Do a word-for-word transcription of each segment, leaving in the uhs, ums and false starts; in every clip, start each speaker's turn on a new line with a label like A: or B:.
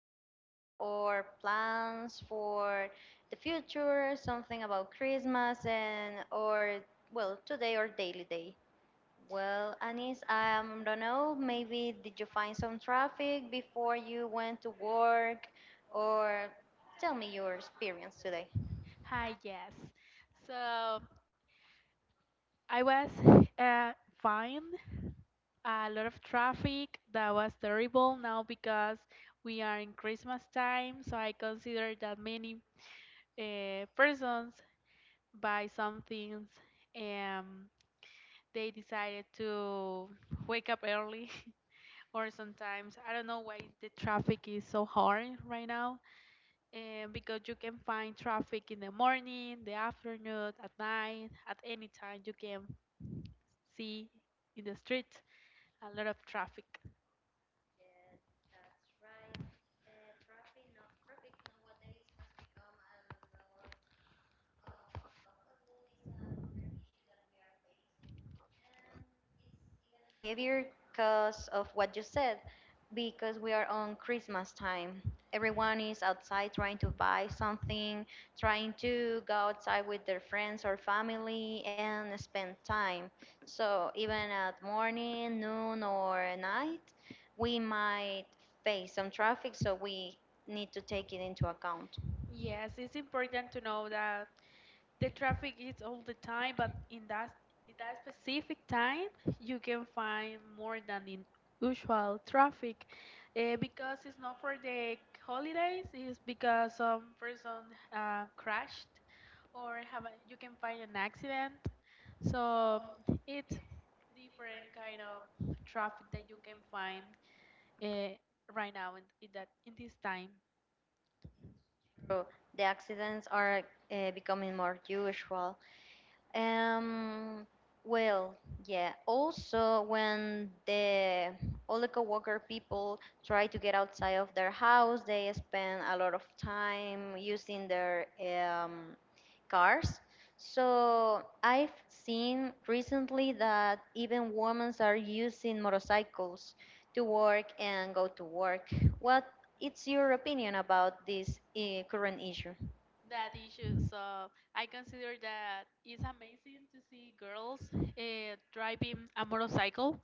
A: you some of our plans for the future, something about Christmas, and or well, today or daily day. Well, Anis, I um, don't know. Maybe did you find some traffic before you went to work, or tell me your experience today.
B: Hi, yes. So I was uh, fine. A lot of traffic that was terrible now because we are in Christmas time. So I consider that many uh, persons buy some things and they decided to wake up early. Or sometimes I don't know why the traffic is so hard right now, and because you can find traffic in the morning, the afternoon, at night, at any time you can see in the street a lot of traffic.
A: Behavior because of what you said, because we are on Christmas time. Everyone is outside trying to buy something, trying to go outside with their friends or family and spend time. So even at morning, noon, or night, we might face some traffic, so we need to take it into account.
B: Yes, it's important to know that the traffic is all the time, but in that in that specific time, you can find more than in usual traffic uh, because it's not for the holidays. It's because some person uh, crashed or have a, you can find an accident. So it's different kind of traffic that you can find uh, right now in, in that in this time
A: So the accidents are uh, becoming more usual. Um, well, yeah. Also, when the all the coworker people try to get outside of their house, they spend a lot of time using their um, cars. So I've seen recently that even women are using motorcycles to work and go to work. What is your opinion about this uh, current issue?
B: that issue. So I consider that it's amazing to see girls uh, driving a motorcycle.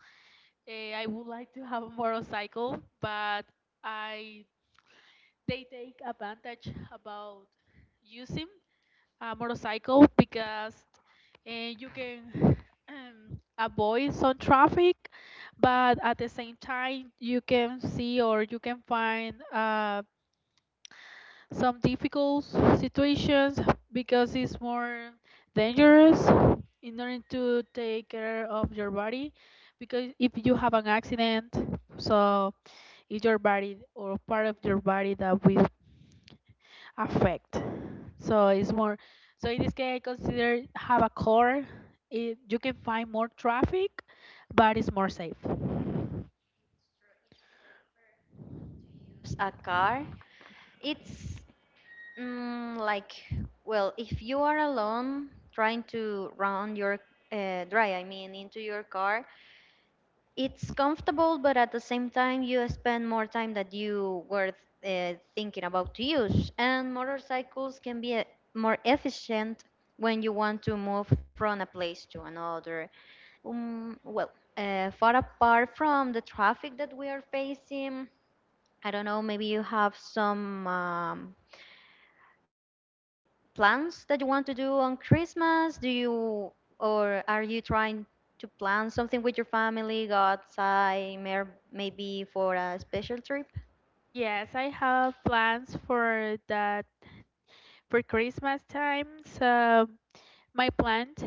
B: uh, I would like to have a motorcycle, but I they take advantage about using a motorcycle because uh, you can um, avoid some traffic, but at the same time you can see or you can find uh, some difficult situations because it's more dangerous in order to take care of your body, because if you have an accident, so it's your body or part of your body that will affect. So it's more, so in this case I consider have a car, it, you can find more traffic, but it's more safe.
A: Use a car. It's Mm, like, well, if you are alone trying to run your uh, dry, I mean, into your car, it's comfortable, but at the same time, you spend more time that you were uh, thinking about to use. And motorcycles can be uh, more efficient when you want to move from a place to another. Um, well, uh, far apart from the traffic that we are facing, I don't know, maybe you have some. Um, plans that you want to do on Christmas? Do you or are you trying to plan something with your family, go outside, mer- maybe for a special trip?
B: Yes, I have plans for that, for Christmas time. So my plant.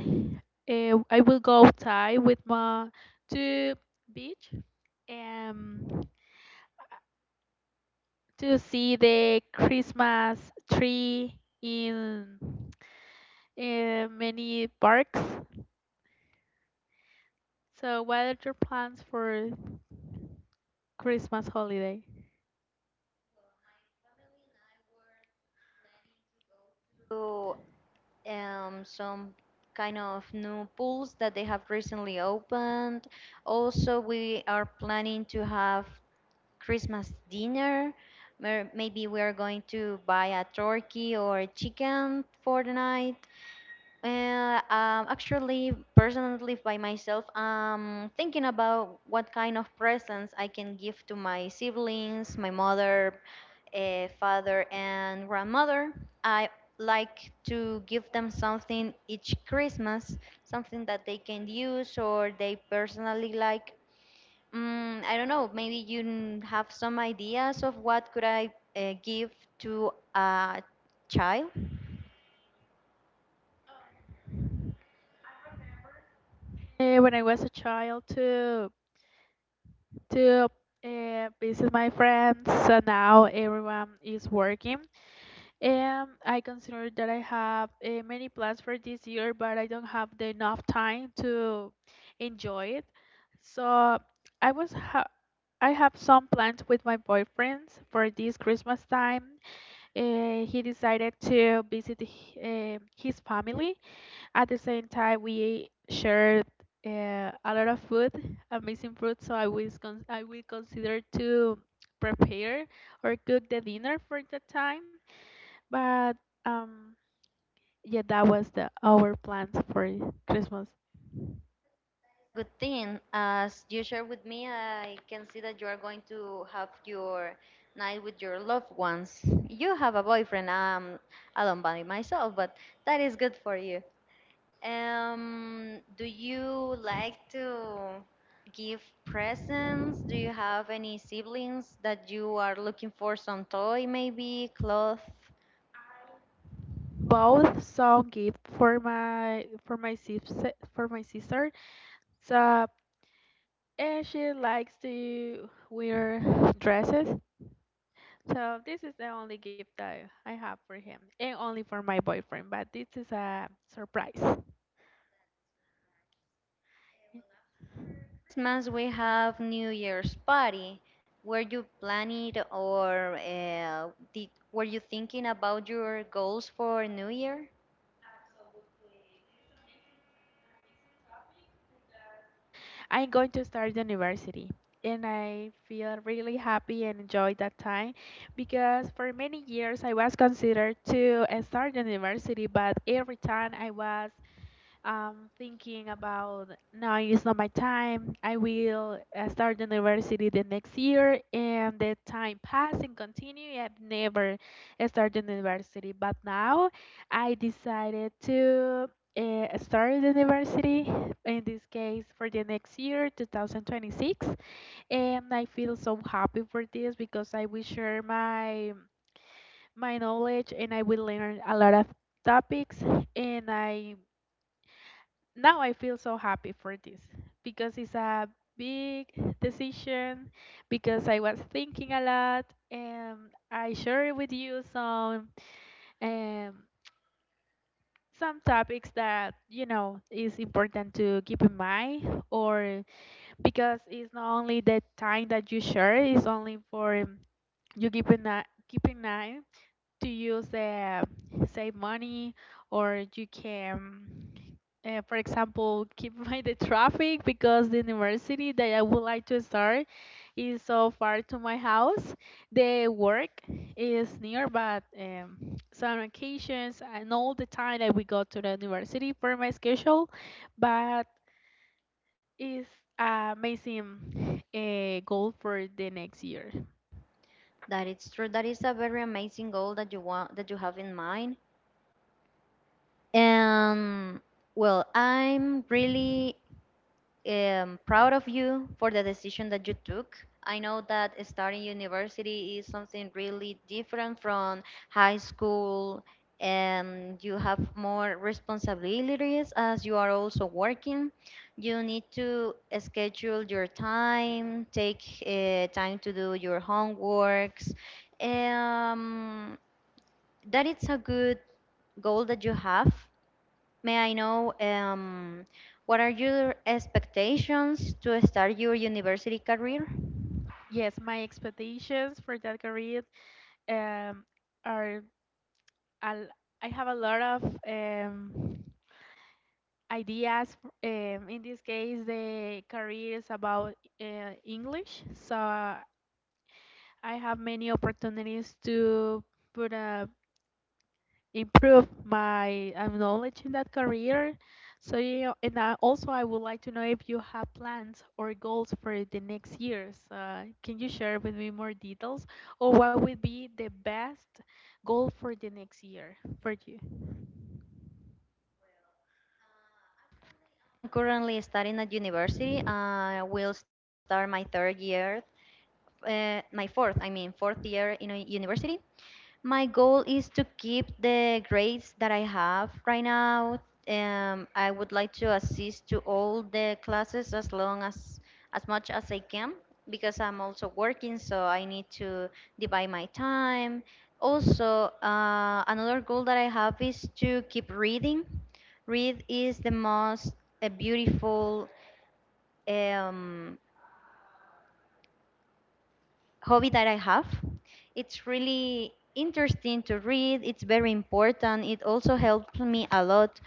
B: Uh, I will go outside with my to beach um to see the Christmas tree in uh, many parks. So, what are your plans for Christmas holiday?
A: So, um, some kind of new pools that they have recently opened. Also, we are planning to have Christmas dinner. Mer- Maybe we are going to buy a turkey or a chicken for the night. Uh, um, actually, personally, by myself, I'm thinking about what kind of presents I can give to my siblings, my mother, uh, father, and grandmother. I like to give them something each Christmas, something that they can use or they personally like. Mm, I don't know. Maybe you n- have some ideas of what could I uh, give to a child?
B: Uh, when I was a child, to to uh, visit my friends. So now everyone is working. Um, I consider that I have uh, many plans for this year, but I don't have the enough time to enjoy it. So I was ha I have some plans with my boyfriend for this Christmas time. Uh, he decided to visit h- uh, his family. At the same time, we shared uh, a lot of food, amazing food. So I was con I will consider to prepare or cook the dinner for the time. But um, yeah, that was the our plans for Christmas.
A: Good thing. As you share with me, I can see that you are going to have your night with your loved ones. You have a boyfriend. I'm alone by myself, but that is good for you. Um, do you like to give presents? Do you have any siblings that you are looking for some toy, maybe cloth?
B: Both saw gift for my for my sister for my sister. So and she likes to wear dresses. So this is the only gift that I have for him, and only for my boyfriend. But this is a surprise.
A: Christmas we have New Year's party. Were you planning or uh, did, were you thinking about your goals for New Year?
B: I'm going to start university. And I feel really happy and enjoy that time because for many years I was considered to uh, start university, but every time I was um, thinking about no, it's not my time. I will uh, start the university the next year, and the time pass and continue. I've never started the university, but now I decided to uh, start the university. In this case, for the next year, twenty twenty-six, and I feel so happy for this because I will share my my knowledge, and I will learn a lot of topics, and I now I feel so happy for this because it's a big decision, because I was thinking a lot, and I share with you some um, some topics that you know is important to keep in mind, or because it's not only the time that you share, it's only for um, you keeping an keeping eye to use uh, save money, or you can uh, for example keep by the traffic, because the university that I would like to start is so far to my house. The work is near, but um, some occasions and all the time that we go to the university for my schedule. But it's amazing uh, goal for the next year.
A: That it's true. That is a very amazing goal that you want that you have in mind. And well, I'm really am proud of you for the decision that you took. I know that starting university is something really different from high school, and you have more responsibilities as you are also working. You need to schedule your time, take uh, time to do your homeworks. Um, that it's a good goal that you have. May I know um, what are your expectations to start your university career?
B: Yes, my expectations for that career um, are al- I have a lot of um, ideas. Um, in this case, the career is about uh, English, so I have many opportunities to put uh, improve my um, knowledge in that career. So you know, and I, also I would like to know if you have plans or goals for the next years. Uh, can you share with me more details, or what would be the best goal for the next year for you?
A: I'm currently studying at university. I will start my third year, uh, my fourth, I mean, fourth year in a university. My goal is to keep the grades that I have right now. Um, I would like to assist to all the classes as long as as much as I can because I'm also working, so I need to divide my time. Also, uh, another goal that I have is to keep reading. Read is the most uh, beautiful um, hobby that I have. It's really interesting to read. It's very important. It also helps me a lot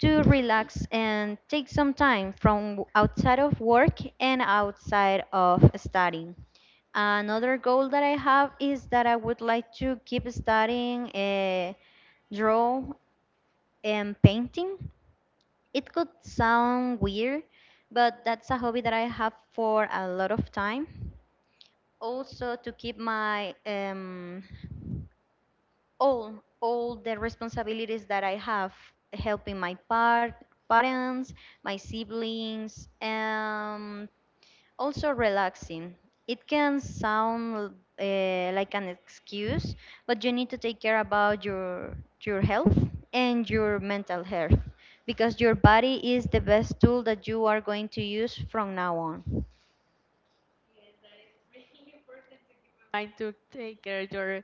A: to relax and take some time from outside of work and outside of studying. Another goal that I have is that I would like to keep studying uh, draw and painting. It could sound weird, but that's a hobby that I have for a lot of time also to keep my um, all all the responsibilities that I have, helping my par parents, my siblings, and also relaxing. It can sound uh, like an excuse, but you need to take care about your your health and your mental health because your body is the best tool that you are going to use from now on.
B: Trying to take care of your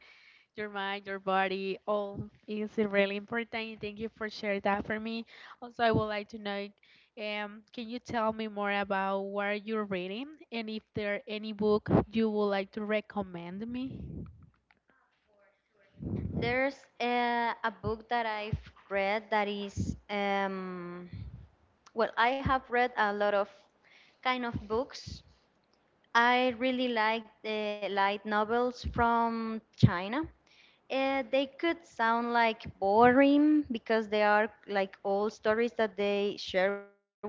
B: your mind, your body, all is really important. Thank you for sharing that for me. Also, I would like to know, um, can you tell me more about what you're reading, and if there any book you would like to recommend me?
A: There's a, a book that I've read that is, um, well, I have read a lot of kind of books. I really like the light novels from China. Uh, they could sound like boring because they are like old stories that they share with us,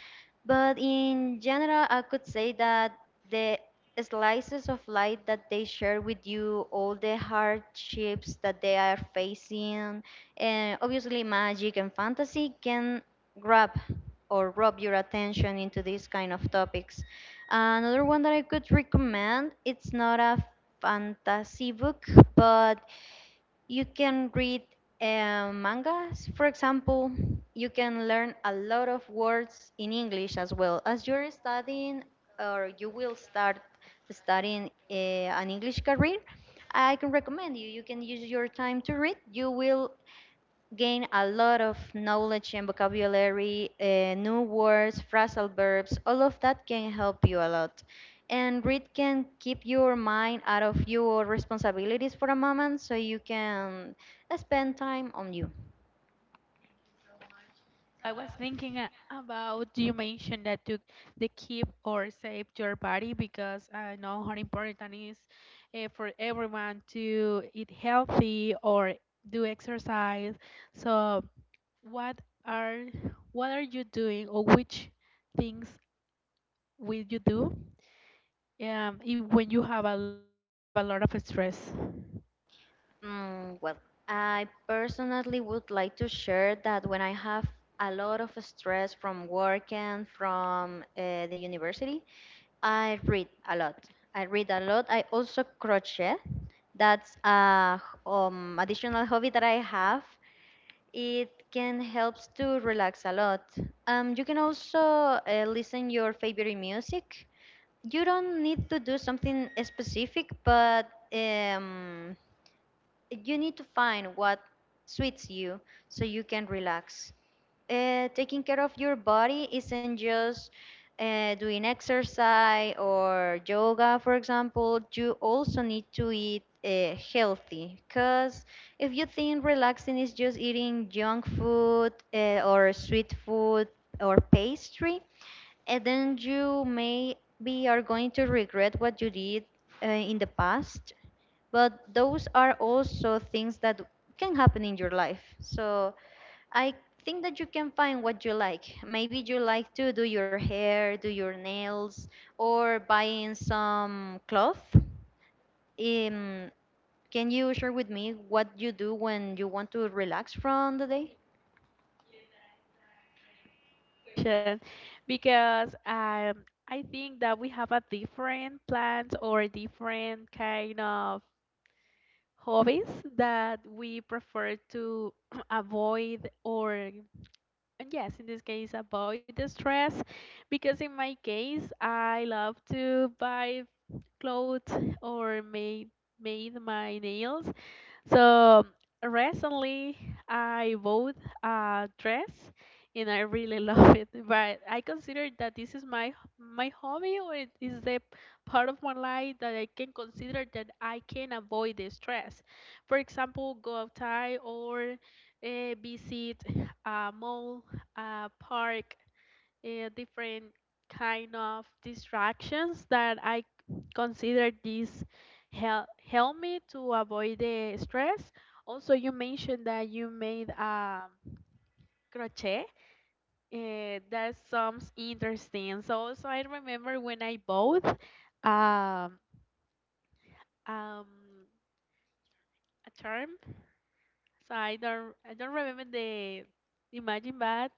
A: but in general, I could say that the slices of life that they share with you, all the hardships that they are facing, and obviously magic and fantasy can grab or rob your attention into these kind of topics. Another one that I could recommend, it's not a fantasy book, but you can read uh, mangas, for example. You can learn a lot of words in English as well. As you're studying, or you will start studying uh, an English career, I can recommend you. You can use your time to read. You will gain a lot of knowledge and vocabulary, uh, new words, phrasal verbs, all of that can help you a lot. And read can keep your mind out of your responsibilities for a moment so you can spend time on you.
B: I was thinking a- about you mentioned that to the keep or save your body, because I know how important it is uh, for everyone to eat healthy or do exercise. So, What are what are you doing, or which things will you do um if, when you have a lot when you have a lot of stress?
A: Mm, well, I personally would like to share that when I have a lot of stress from work and from uh, the university, I read a lot. I read a lot. I also crochet. That's a h- um, additional hobby that I have. It can help to relax a lot. Um, you can also uh, listen your favorite music. You don't need to do something specific, but um, you need to find what suits you so you can relax. Uh, taking care of your body isn't just uh, doing exercise or yoga, for example. You also need to eat uh, healthy because if you think relaxing is just eating junk food uh, or sweet food or pastry, and then you maybe are going to regret what you did uh, in the past. But those are also things that can happen in your life. So I think that you can find what you like. Maybe you like to do your hair, do your nails, or buying some cloth. um, can you share with me what you do when you want to relax from the day?
B: Sure. Because um I think that we have a different plans or different kind of hobbies that we prefer to avoid or, and yes, in this case, avoid the stress, because in my case, I love to buy clothes or made made my nails. So recently, I bought a dress, and I really love it. But I consider that this is my my hobby, or it is the part of my life that I can consider that I can avoid the stress. For example, go outside or uh, visit a mall, a park, uh, different kind of distractions that I consider this hel- help me to avoid the stress. Also, you mentioned that you made um, crochet. Uh, that sounds interesting. So also, I remember when I bought um, um, a charm. So I don't I don't remember the imagine, but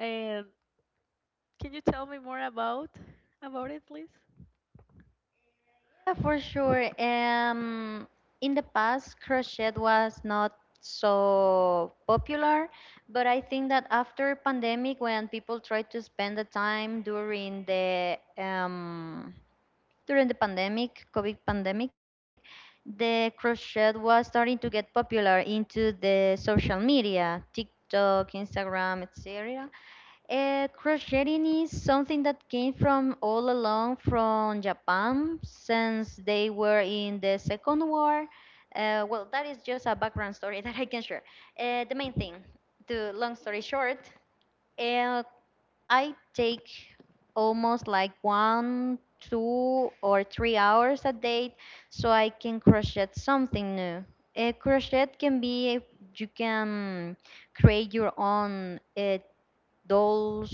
B: uh, can you tell me more about about it, please?
A: Yeah, for sure. Um, in the past, crochet was not so popular, but I think that after pandemic, when people try to spend the time during the um, during the pandemic, COVID pandemic, the crochet was starting to get popular into the social media, TikTok, Instagram, et cetera. Uh, crocheting is something that came from all along from Japan since they were in the Second War. Uh, well, that is just a background story that I can share. Uh, the main thing, to long story short, uh, I take almost like one, two, or three hours a day so I can crochet something new. Uh, crochet can be you can create your own uh, dolls,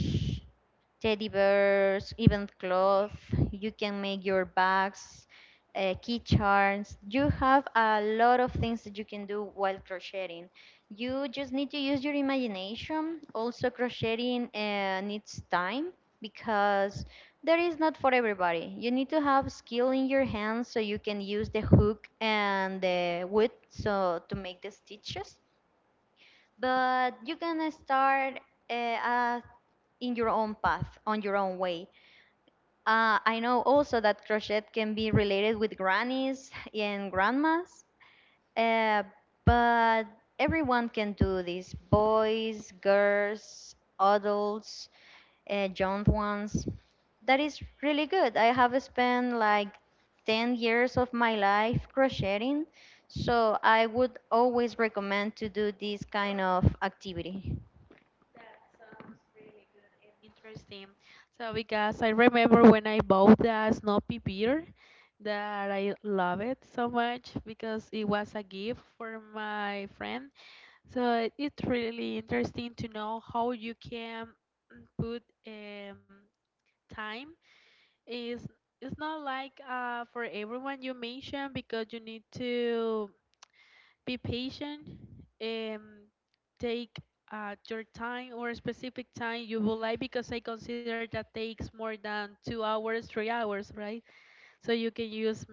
A: teddy bears, even cloth. You can make your bags, uh, key charms. You have a lot of things that you can do while crocheting. You just need to use your imagination. Also, crocheting uh, needs time because there is not for everybody. You need to have skill in your hands so you can use the hook and the wood so to make the stitches, but you can start uh, uh, in your own path, on your own way. Uh, I know also that crochet can be related with grannies and grandmas. Uh, but everyone can do this: boys, girls, adults, uh, young ones. That is really good. I have spent like ten years of my life crocheting, so I would always recommend to do this kind of activity.
B: Interesting. So because I remember when I bought the Snoopy beer that I love it so much, because it was a gift for my friend. So it- it's really interesting to know how you can mm, put um, time is it's not like uh, for everyone you mentioned, because you need to be patient. Um, Take uh, your time or specific time you would like, because I consider that takes more than two hours, three hours, right? So you can use mm,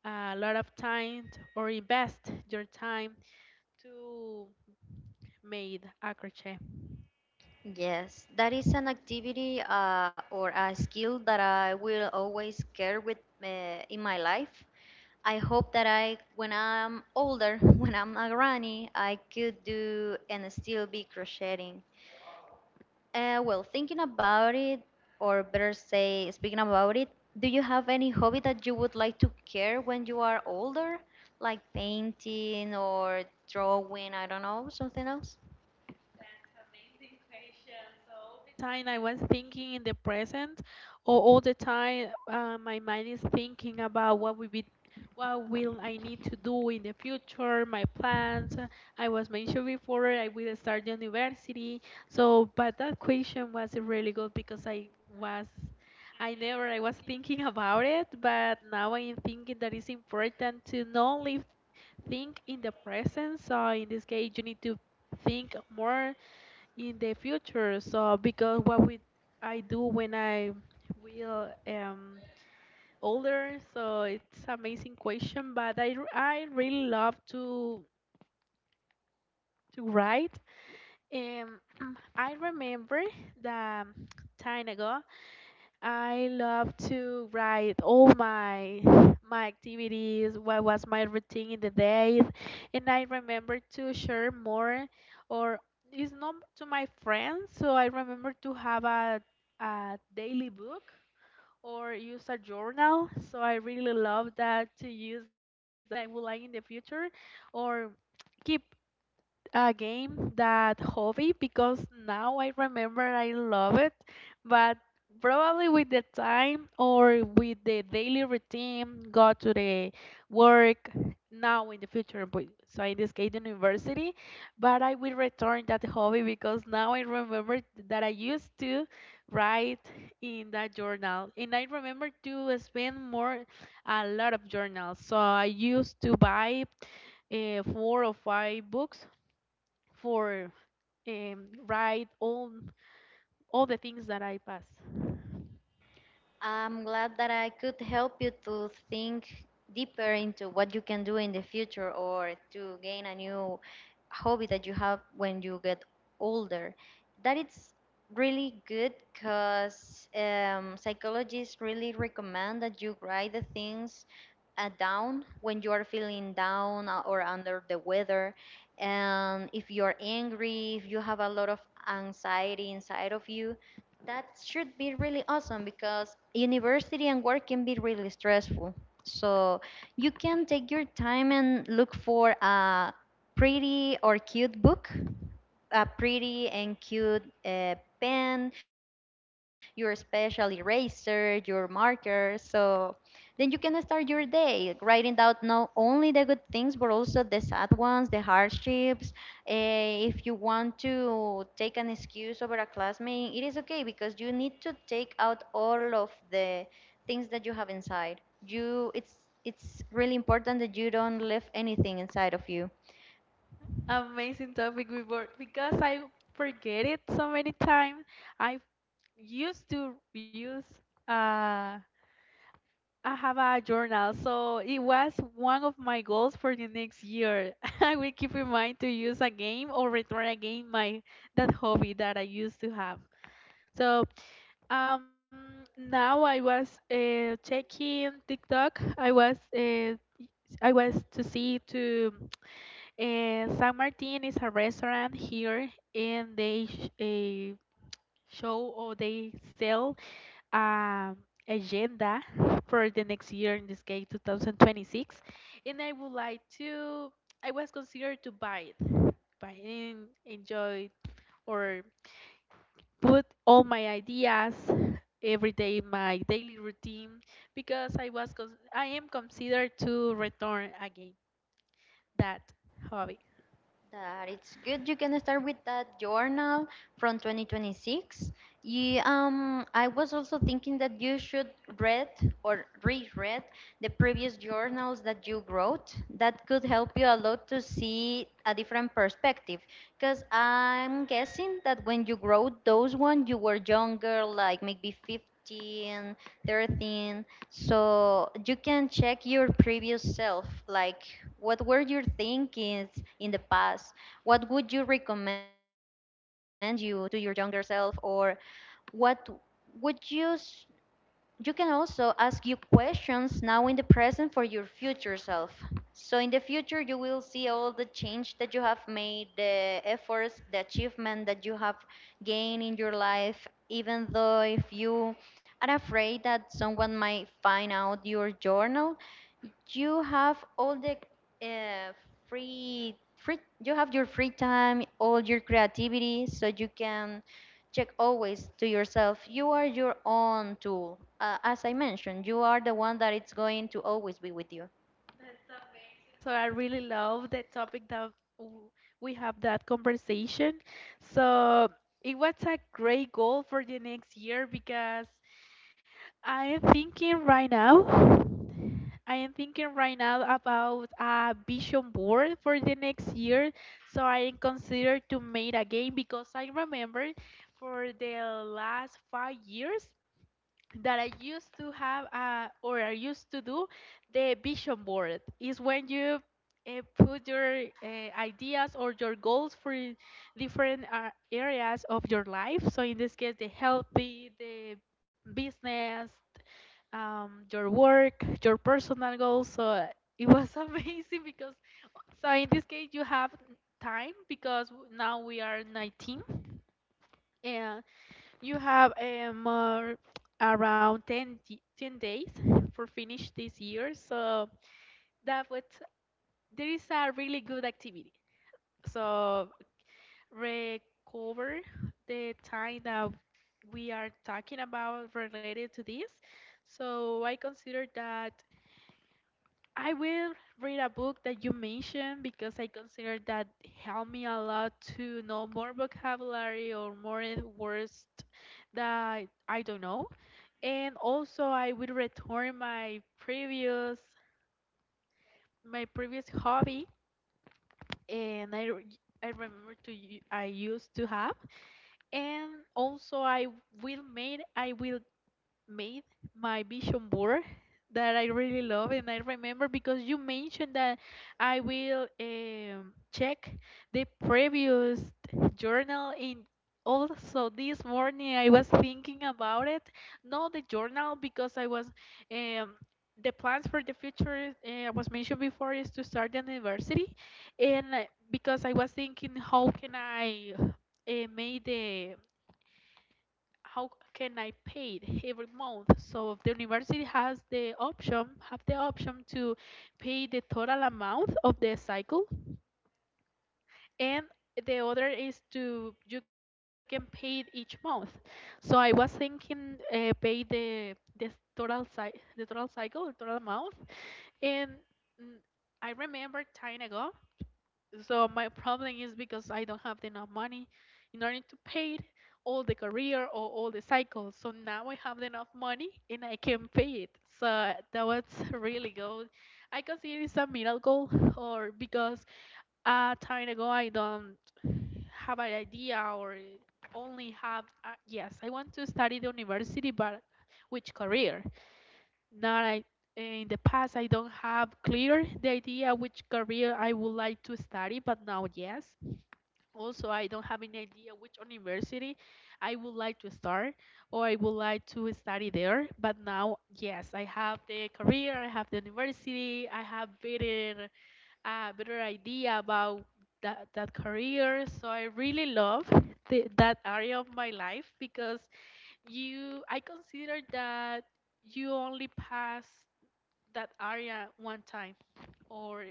B: a lot of time t- or invest your time to make a crochet.
A: Yes, that is an activity, uh, or a skill that I will always carry with uh, in my life. I hope that I, when I'm older, when I'm a granny, I could do and still be crocheting. Uh, well, thinking about it, or better say, speaking about it, do you have any hobby that you would like to care when you are older, like painting or drawing? I don't know, something else.
B: Time, I was thinking in the present, or all the time uh, my mind is thinking about what will be, what will I need to do in the future, my plans. I was mentioned before I will start university. So, but that question was really good, because I was. I never, I was thinking about it, but now I am thinking that it's important to not only think in the present. So in this case, you need to think more in the future. So because what we I do when I will um older, so it's amazing question. But I r- I really love to to write. Um, I remember that time ago. I love to write all my my activities, what was my routine in the day, and I remember to share more, or it's not to my friends, so I remember to have a a daily book or use a journal. So I really love that to use that one, and I would like in the future or keep uh, game, that hobby, because now I remember I love it, but probably with the time or with the daily routine, go to the work now in the future, but so in this case, the university, but I will return that hobby, because now I remember that I used to write in that journal, and I remember to spend more a lot of journals. So I used to buy uh, four or five books for um, ride all all the things that I pass.
A: I'm glad that I could help you to think deeper into what you can do in the future or to gain a new hobby that you have when you get older. That it's really good because um, psychologists really recommend that you write the things uh, down when you are feeling down uh, or under the weather. And if you are angry, if you have a lot of anxiety inside of you, that should be really awesome because university and work can be really stressful. So you can take your time and look for a pretty or cute book, a pretty and cute uh, pen, your special eraser, your marker. So then you can start your day writing down not only the good things but also the sad ones, the hardships. Eh, if you want to take an excuse over a classmate, it is okay because you need to take out all of the things that you have inside. You, it's it's really important that you don't leave anything inside of you.
B: Amazing topic we were, because I forget it so many times. I used to use uh I have a journal, so it was one of my goals for the next year. I will keep in mind to use a game or return again my that hobby that I used to have. So um now I was uh, checking TikTok. I was uh, I was to see to uh, San Martin is a restaurant here, and they sh uh, show or they sell um agenda for the next year, in this case twenty twenty-six, and I would like to. I was considered to buy it, buy and enjoy, or put all my ideas every day in my daily routine, because I was cons I am considered to return again that hobby.
A: That it's good. You can start with that journal from twenty twenty-six. You, um, I was also thinking that you should read or reread the previous journals that you wrote. That could help you a lot to see a different perspective. Because I'm guessing that when you wrote those ones, you were younger, like maybe fifteen, thirteen. So you can check your previous self, like what were your thinkings in the past? What would you recommend you to your younger self, or what would you? s- you can also ask you questions now in the present for your future self. So in the future, you will see all the change that you have made, the efforts, the achievement that you have gained in your life. Even though if you are afraid that someone might find out your journal, you have all the uh, free free you have your free time, all your creativity, so you can check always to yourself. You are your own tool, uh, as I mentioned, you are the one that it's going to always be with you.
B: So I really love the topic that w- we have that conversation. So it was a great goal for the next year because I am thinking right now. I am thinking right now about a vision board for the next year. So I am considered to make a game because I remember for the last five years that I used to have uh, or I used to do the vision board is when you uh, put your uh, ideas or your goals for i- different uh, areas of your life. So in this case, the healthy, the business, um, your work, your personal goals. So it was amazing because so in this case you have time because now we are nineteen, you have um, uh, more around ten, d- ten days for finish this year. So that what there is a really good activity. So recover the time that we are talking about related to this. So I consider that I will read a book that you mentioned because I consider that helped me a lot to know more vocabulary or more words that I don't know, and also I will return my previous my previous hobby, and I re- I remember to u- I used to have, and also I will made I will made my vision board that I really love, and I remember because you mentioned that I will um, check the previous journal in. Also, this morning I was thinking about it, not the journal because I was um, the plans for the future uh, was mentioned before is to start the university, and uh, because I was thinking how can I uh, make the how can I pay it every month? So if the university has the option, have the option to pay the total amount of the cycle, and the other is to you can pay it each month. So I was thinking uh, pay the the total cy- the total cycle, the total amount, and mm, I remember time ago, so my problem is because I don't have enough money in order to pay all the career or all the cycles. So now I have enough money and I can pay it. So that was really good. I consider it's a miracle or because a time ago I don't have an idea or only have uh, yes, I want to study the university, but which career? Not I, in the past, I don't have clear the idea which career I would like to study, but now yes. Also, I don't have any idea which university I would like to start or I would like to study there. But now, yes, I have the career, I have the university, I have better, uh, better idea about that, that career. So I really love the, that area of my life because you, I consider that you only pass that area one time or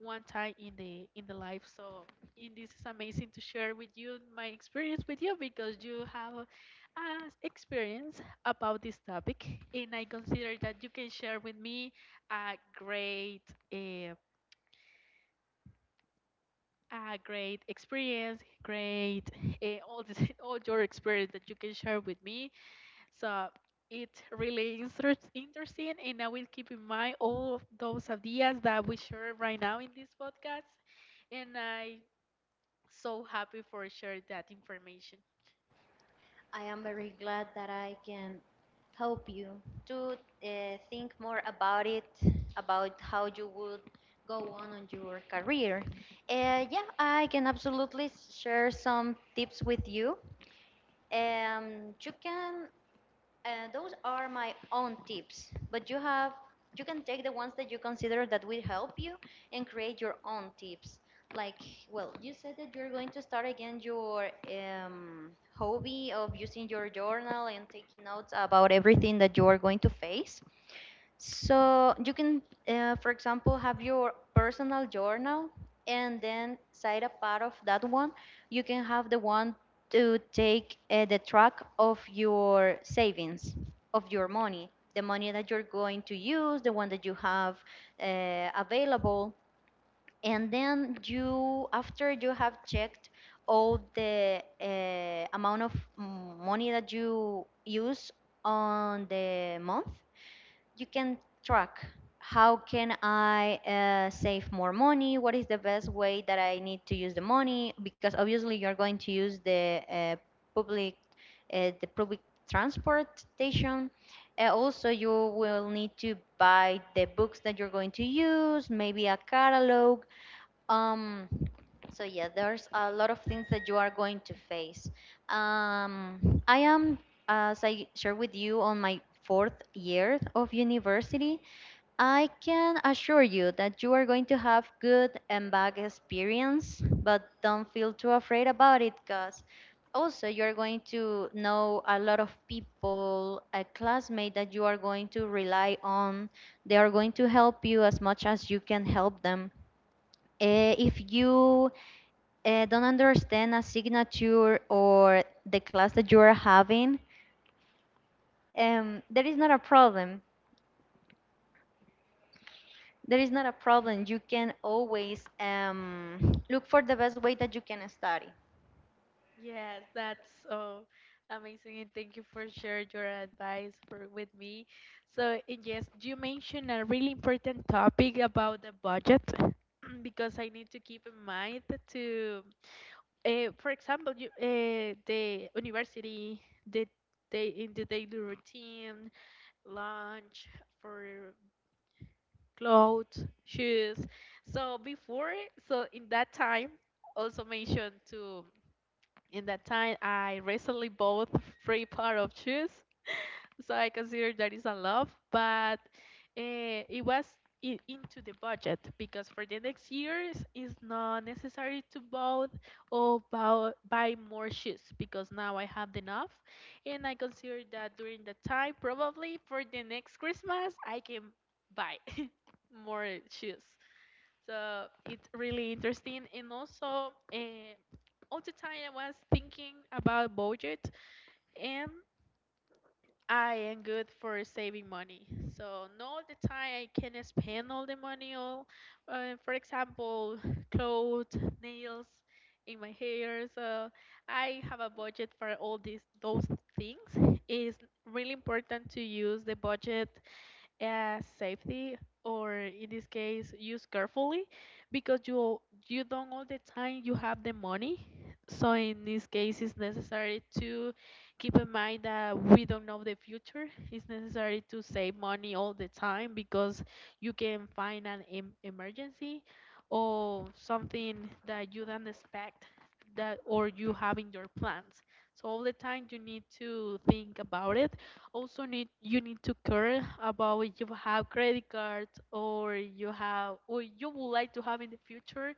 B: one time in the in the life. So and this is amazing to share with you my experience with you because you have uh, experience about this topic, and I consider that you can share with me a great uh, a great experience, great uh, all this all your experience that you can share with me. So it's really interest interesting, and I will keep in mind all of those ideas that we share right now in this podcast. And I so happy for sharing that information.
A: I am very glad that I can help you to uh, think more about it, about how you would go on on your career. Uh, yeah, I can absolutely share some tips with you. Um, you can. Uh, those are my own tips, but you have. you can take the ones that you consider that will help you and create your own tips. Like, well, you said that you're going to start again your um, hobby of using your journal and taking notes about everything that you are going to face. So you can, uh, for example, have your personal journal and then side a part of that one, you can have the one to take uh, the track of your savings, of your money, the money that you're going to use, the one that you have uh, available. And then you, after you have checked all the uh, amount of mm, money that you use on the month, you can track how can I uh, save more money, what is the best way that I need to use the money? Because obviously you're going to use the uh, public uh, the public transportation. Uh, also, you will need to buy the books that you're going to use, maybe a catalog, um, so yeah, there's a lot of things that you are going to face. Um, I am, as I shared with you, on my fourth year of university. I can assure you that you are going to have good and bad experience, but don't feel too afraid about it because also you're going to know a lot of people, a classmate that you are going to rely on. They are going to help you as much as you can help them. Uh, if you uh, don't understand a signature or the class that you are having, um, there is not a problem. There is not a problem. You can always um, look for the best way that you can study.
B: Yes, that's so amazing, and thank you for sharing your advice for with me. So, and yes, you mentioned a really important topic about the budget because I need to keep in mind to Uh, for example, you, uh, the university, the they, in the daily routine, lunch for clothes, shoes. So before, so in that time, also mentioned to in that time I recently bought three pair of shoes, so I consider that is a love, but uh, it was i- into the budget because for the next years it's not necessary to buy or buy, buy more shoes because now I have enough, and I consider that during the time probably for the next Christmas I can buy more shoes. So it's really interesting, and also uh, all the time I was thinking about budget, and I am good for saving money. So not all the time I can spend all the money all, uh, for example, clothes, nails, in my hair. So I have a budget for all these those things. It's really important to use the budget uh, safety or in this case use carefully because you you don't all the time you have the money, so in this case it's necessary to keep in mind that we don't know the future. It's necessary to save money all the time because you can find an em- emergency or something that you don't expect that or you have in your plans, so all the time you need to think about it, also need you need to care about if you have credit cards or you have or you would like to have in the future,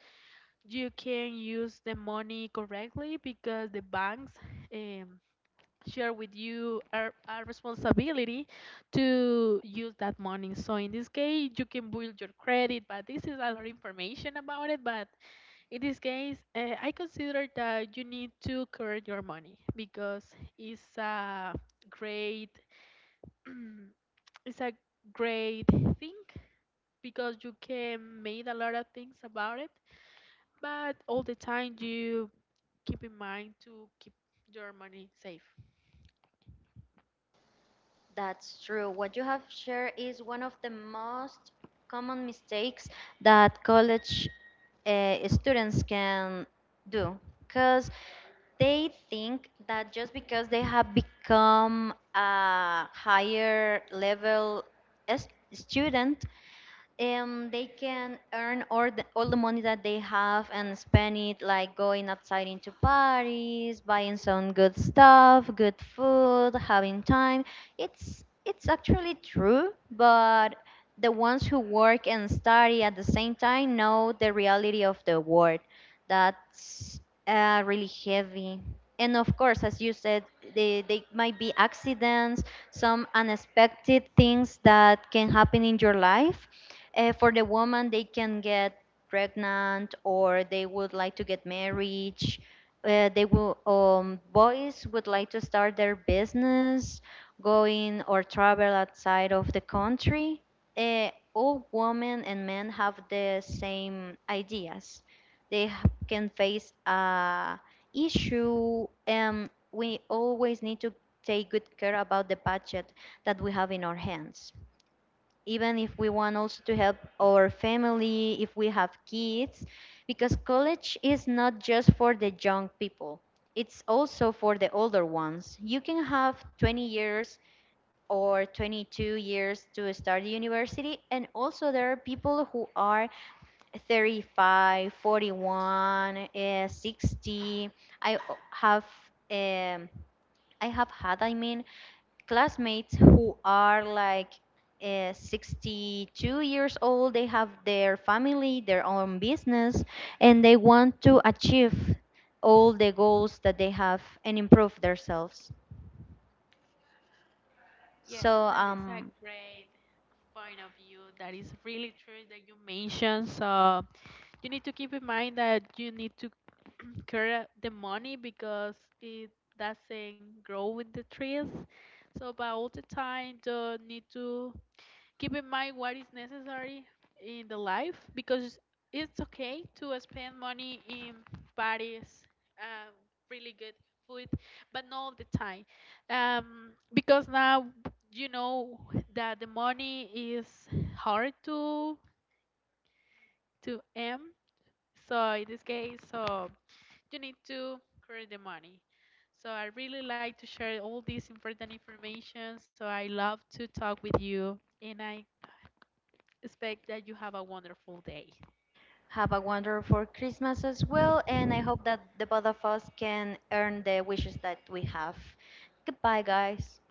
B: you can use the money correctly because the banks um, share with you our, our responsibility to use that money, so in this case you can build your credit, but this is a lot of information about it, but in this case uh, I consider that you need to care your money because it's a great it's a great thing because you can make a lot of things about it, but all the time you keep in mind to keep your money safe.
A: That's true. What you have shared is one of the most common mistakes that college uh, students can do because they think that just because they have become a higher level s- student, um, they can earn all the, all the money that they have and spend it like going outside into parties, buying some good stuff, good food, having time. It's it's actually true, but the ones who work and study at the same time know the reality of the world. That's uh, really heavy. And of course, as you said, they, they might be accidents, some unexpected things that can happen in your life. Uh, for the woman, they can get pregnant or they would like to get married. Uh, they will, um, boys would like to start their business, going or travel outside of the country. Uh, all women and men have the same ideas. They ha- can face a issue, and we always need to take good care about the budget that we have in our hands, even if we want also to help our family if we have kids. Because college is not just for the young people, it's also for the older ones. You can have twenty years or twenty-two years to start university, and also there are people who are thirty-five, forty-one, uh, sixty. I o- have um, I have had, I mean, classmates who are like uh, sixty-two years old. They have their family, their own business, and they want to achieve all the goals that they have and improve themselves.
B: Yes,
A: So
B: that is a
A: um,
B: great point of view. That is really true that you mentioned. So you need to keep in mind that you need to care the money because it doesn't grow with the trees. So, but all the time, you need to keep in mind what is necessary in the life because it's okay to spend money in parties, um, really good food, but not all the time. Um, because now you know that the money is hard to to earn. So in this case, so you need to create the money. So I really like to share all this important information. So I love to talk with you, and I expect that you have a wonderful day.
A: have a wonderful Christmas as well, and I hope that the both of us can earn the wishes that we have. Goodbye, guys.